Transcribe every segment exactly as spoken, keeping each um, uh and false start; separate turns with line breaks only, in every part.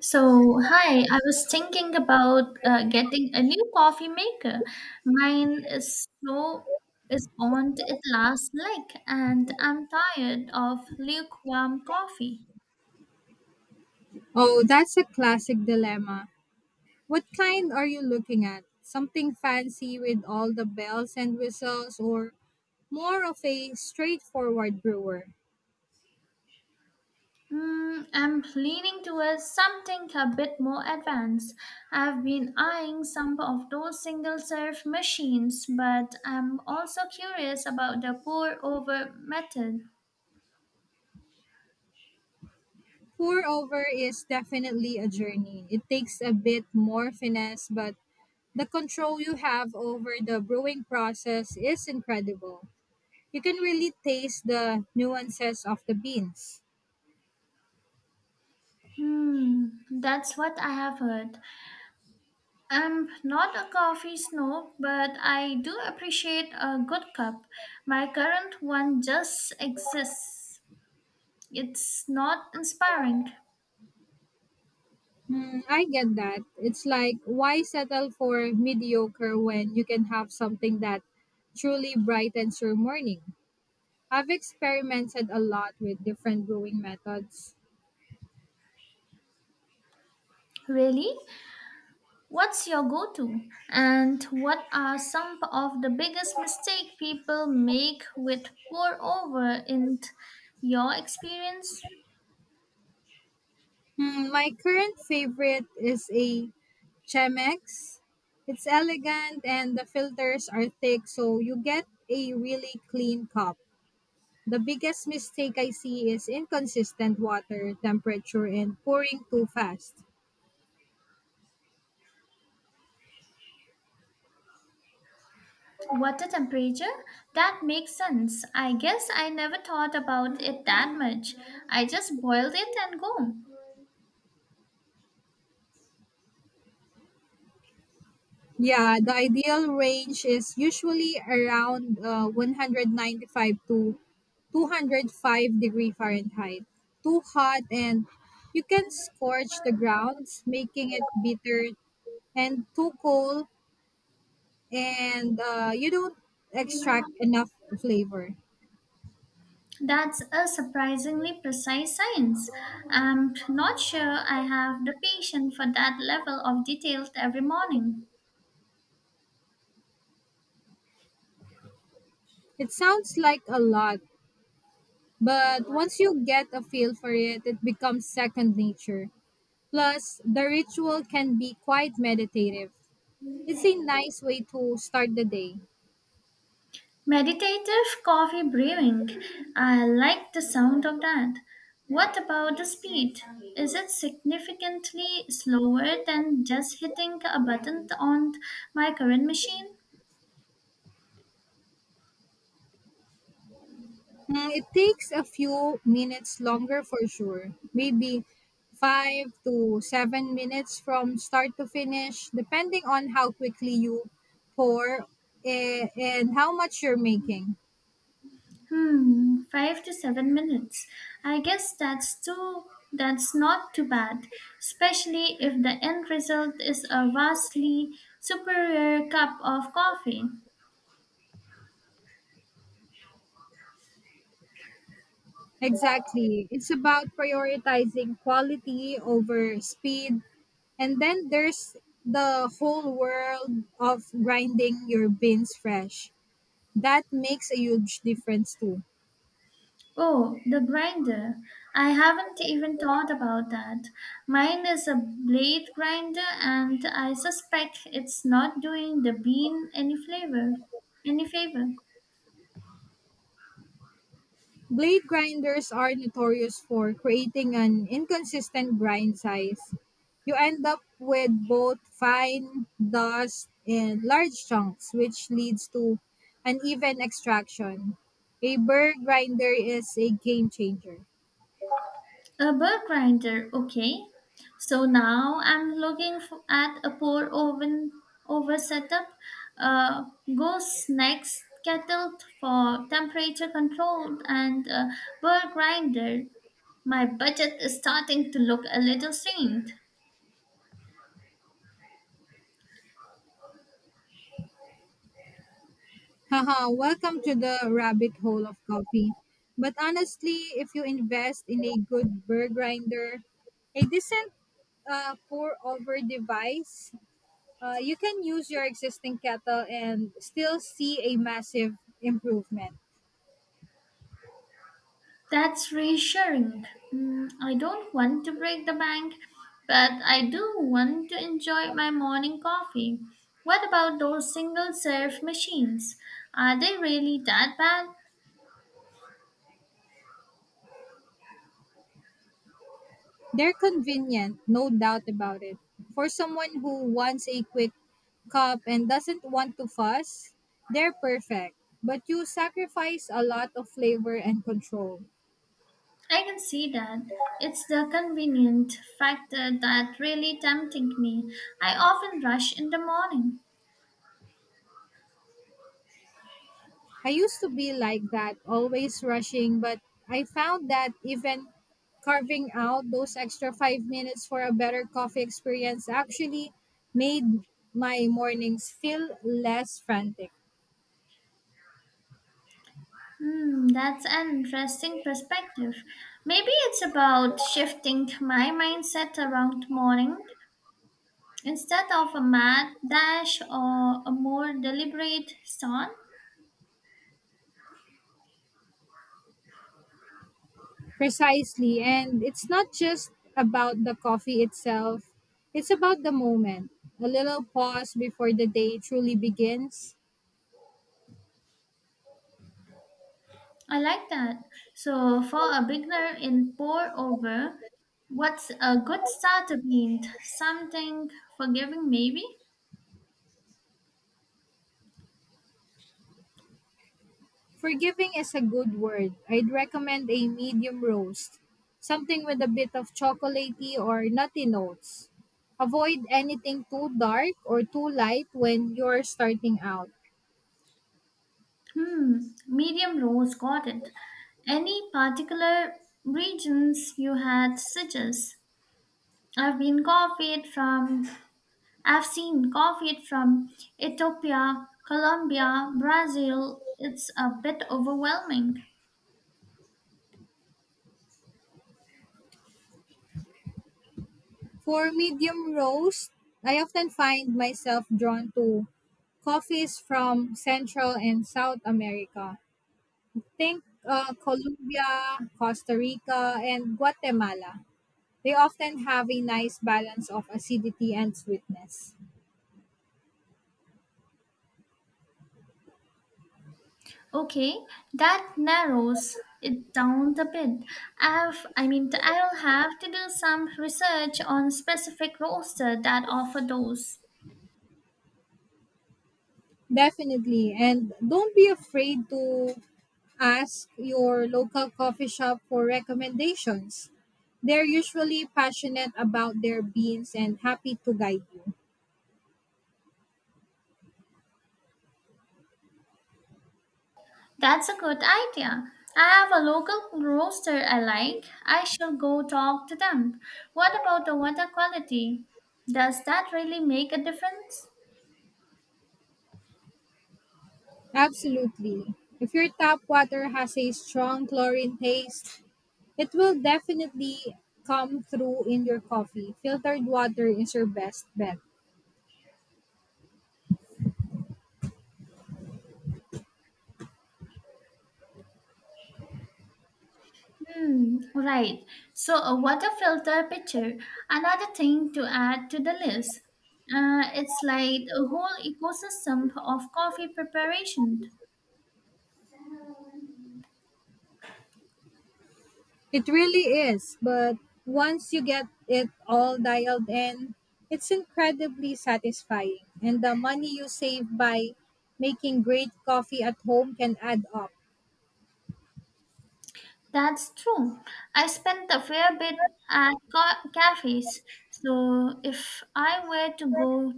So, hi, I was thinking about uh, getting a new coffee maker. Mine is so is on to its last leg, and I'm tired of lukewarm coffee.
Oh, that's a classic dilemma. What kind are you looking at? Something fancy with all the bells and whistles, or more of a straightforward brewer?
Mm, I'm leaning towards something a bit more advanced. I've been eyeing some of those single serve machines, but I'm also curious about the pour over method.
Pour over is definitely a journey. It takes a bit more finesse, but the control you have over the brewing process is incredible. You can really taste the nuances of the beans.
Hmm, that's what I have heard. I'm not a coffee snob, but I do appreciate a good cup. My current one just exists. It's not inspiring.
Mm, I get that. It's like, why settle for mediocre when you can have something that truly brightens your morning? I've experimented a lot with different brewing methods.
Really? What's your go to? And what are some of the biggest mistakes people make with pour over in your experience?
Mm, my current favorite is a Chemex. It's elegant and the filters are thick, so you get a really clean cup. The biggest mistake I see is inconsistent water temperature and pouring too fast.
Water temperature? That makes sense. I guess I never thought about it that much. I just boiled it and go.
Yeah, the ideal range is usually around uh, one hundred ninety-five to two hundred five degree Fahrenheit. Too hot and you can scorch the grounds, making it bitter and too cold and uh, you don't extract enough flavor.
That's a surprisingly precise science. I'm not sure I have the patience for that level of detail every morning.
It sounds like a lot, but once you get a feel for it, it becomes second nature. Plus, the ritual can be quite meditative It's a nice way to start the day.
Meditative coffee brewing. I like the sound of that. What about the speed? Is it significantly slower than just hitting a button on my current machine?
Mm, it takes a few minutes longer for sure, maybe five to seven minutes from start to finish, depending on how quickly you pour eh, and how much you're making.
Hmm, five to seven minutes. I guess that's too that's not too bad, especially if the end result is a vastly superior cup of coffee.
Exactly. It's about prioritizing quality over speed. And then there's the whole world of grinding your beans fresh. That makes a huge difference too.
Oh, the grinder. I haven't even thought about that. Mine is a blade grinder and I suspect it's not doing the bean any flavor any favor.
Blade grinders are notorious for creating an inconsistent grind size. You end up with both fine dust and large chunks, which leads to uneven extraction. A burr grinder is a game changer.
A burr grinder, okay. So now I'm looking f- at a pour oven over setup. Uh, goes next kettle for temperature controlled and a burr grinder. My budget is starting to look a little strained.
Haha, welcome to the rabbit hole of coffee. But honestly, if you invest in a good burr grinder, a decent uh, pour over device Uh, you can use your existing kettle and still see a massive improvement.
That's reassuring. Mm, I don't want to break the bank, but I do want to enjoy my morning coffee. What about those single serve machines? Are they really that bad?
They're convenient, no doubt about it. For someone who wants a quick cup and doesn't want to fuss, they're perfect. But you sacrifice a lot of flavor and control.
I can see that. It's the convenient factor that really tempting me. I often rush in the morning.
I used to be like that, always rushing, but I found that even carving out those extra five minutes for a better coffee experience actually made my mornings feel less frantic.
Hmm, that's an interesting perspective. Maybe it's about shifting my mindset around morning. Instead of a mad dash or a more deliberate start,
Precisely, and it's not just about the coffee itself, it's about the moment, a little pause before the day truly begins.
I like that. So for a beginner in pour over, what's a good starter paint? Something forgiving maybe?
Forgiving is a good word. I'd recommend a medium roast, something with a bit of chocolatey or nutty notes. Avoid anything too dark or too light when you're starting out.
Hmm, medium rose, got it. Any particular regions you had suggest? I've been copied from I've seen copied from Ethiopia, Colombia, Brazil. It's a bit overwhelming.
For medium roast, I often find myself drawn to coffees from Central and South America. Think uh, Colombia, Costa Rica, and Guatemala. They often have a nice balance of acidity and sweetness.
Okay, that narrows it down a bit. I've, I mean, I'll have to do some research on specific roaster that offer those.
Definitely. And don't be afraid to ask your local coffee shop for recommendations. They're usually passionate about their beans and happy to guide you.
That's a good idea. I have a local roaster I like. I shall go talk to them. What about the water quality? Does that really make a difference?
Absolutely. If your tap water has a strong chlorine taste, it will definitely come through in your coffee. Filtered water is your best bet.
Hmm, right. So, a water filter picture, another thing to add to the list. Uh, it's like a whole ecosystem of coffee preparation.
It really is, but once you get it all dialed in, it's incredibly satisfying. And the money you save by making great coffee at home can add up.
That's true. I spent a fair bit at ca- cafes. So, if I were to go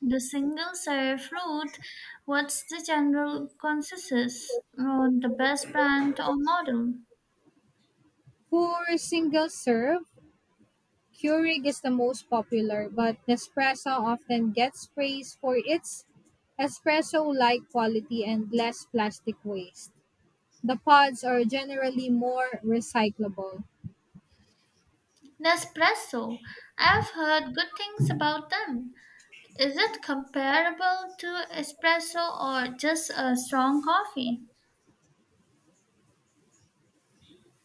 the single serve route, what's the general consensus on the best brand or model?
For single serve, Keurig is the most popular, but Nespresso often gets praise for its espresso like quality and less plastic waste. The pods are generally more recyclable.
Nespresso. I've heard good things about them. Is it comparable to espresso or just a strong coffee?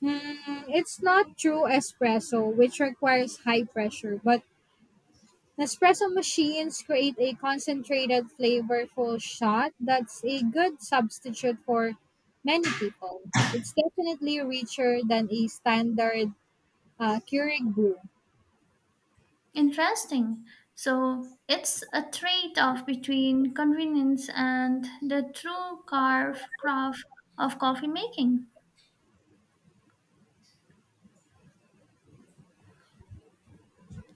Hmm, it's not true espresso, which requires high pressure, but Nespresso machines create a concentrated, flavorful shot that's a good substitute for many people. It's definitely richer than a standard uh, Keurig brew.
Interesting. So it's a trade off between convenience and the true carve craft of coffee making.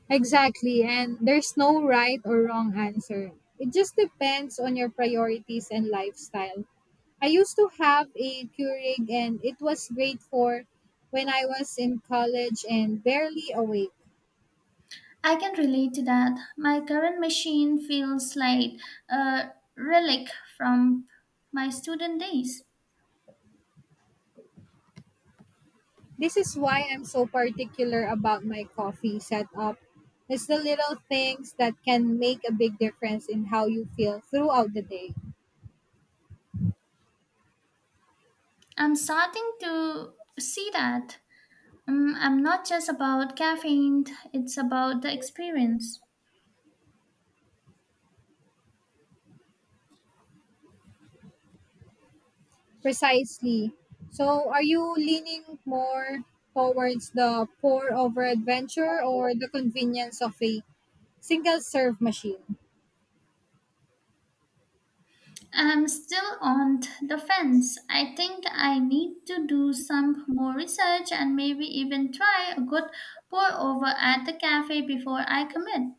Exactly, and there's no right or wrong answer. It just depends on your priorities and lifestyle. I used to have a Keurig and it was great for when I was in college and barely awake.
I can relate to that. My current machine feels like a relic from my student days.
This is why I'm so particular about my coffee setup. It's the little things that can make a big difference in how you feel throughout the day.
I'm starting to see that. Um, I'm not just about caffeine, it's about the experience.
Precisely. So, are you leaning more towards the pour over adventure or the convenience of a single serve machine?
I'm still on th- the fence. I think I need to do some more research and maybe even try a good pour over at the cafe before I commit.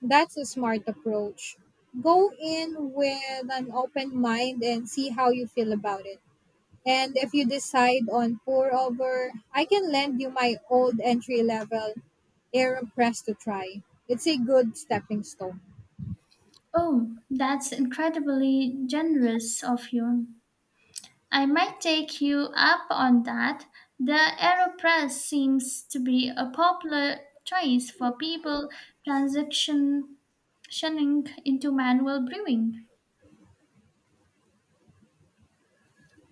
That's a smart approach. Go in with an open mind and see how you feel about it. And if you decide on pour over, I can lend you my old entry level AeroPress to try. It's a good stepping stone.
Oh, that's incredibly generous of you. I might take you up on that. The AeroPress seems to be a popular choice for people transitioning into manual brewing.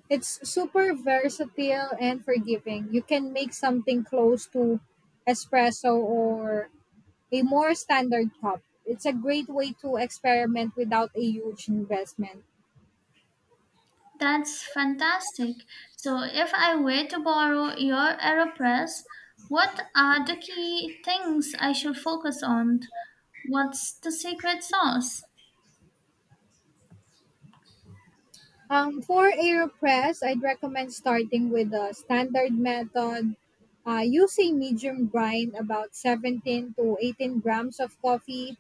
It's super versatile and forgiving. You can make something close to espresso or a more standard cup. It's a great way to experiment without a huge investment.
That's fantastic. So, if I were to borrow your AeroPress, what are the key things I should focus on? What's the secret sauce?
Um, for AeroPress, I'd recommend starting with the standard method, uh, using medium grind about seventeen to eighteen grams of coffee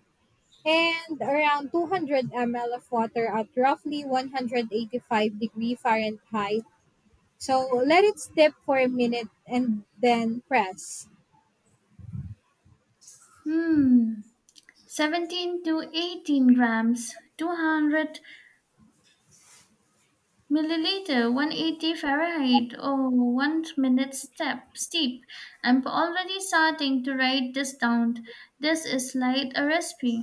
and around two hundred milliliters of water at roughly one hundred eighty-five degree Fahrenheit. So let it steep for a minute and then press.
Hmm, seventeen to eighteen grams, two hundred milliliter, one hundred eighty Fahrenheit, or one minute step steep. I'm already starting to write this down. This is like a recipe.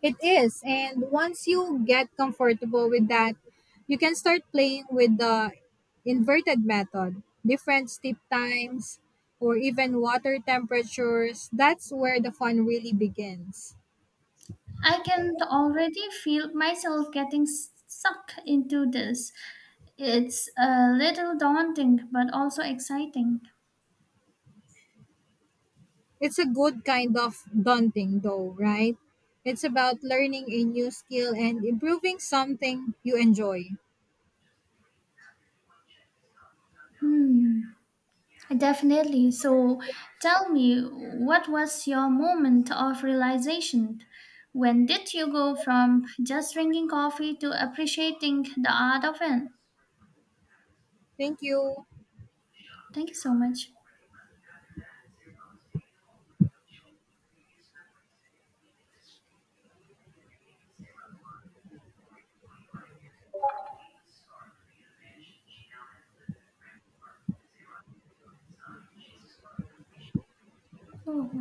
It is. And once you get comfortable with that, you can start playing with the inverted method, different steep times, or even water temperatures. That's where the fun really begins.
I can already feel myself getting s- sucked into this. It's a little daunting, but also exciting.
It's a good kind of daunting, though, right? It's about learning a new skill and improving something you enjoy.
Hmm, definitely. So tell me, what was your moment of realization? When did you go from just drinking coffee to appreciating the art of it?
Thank you.
Thank you so much. Oh.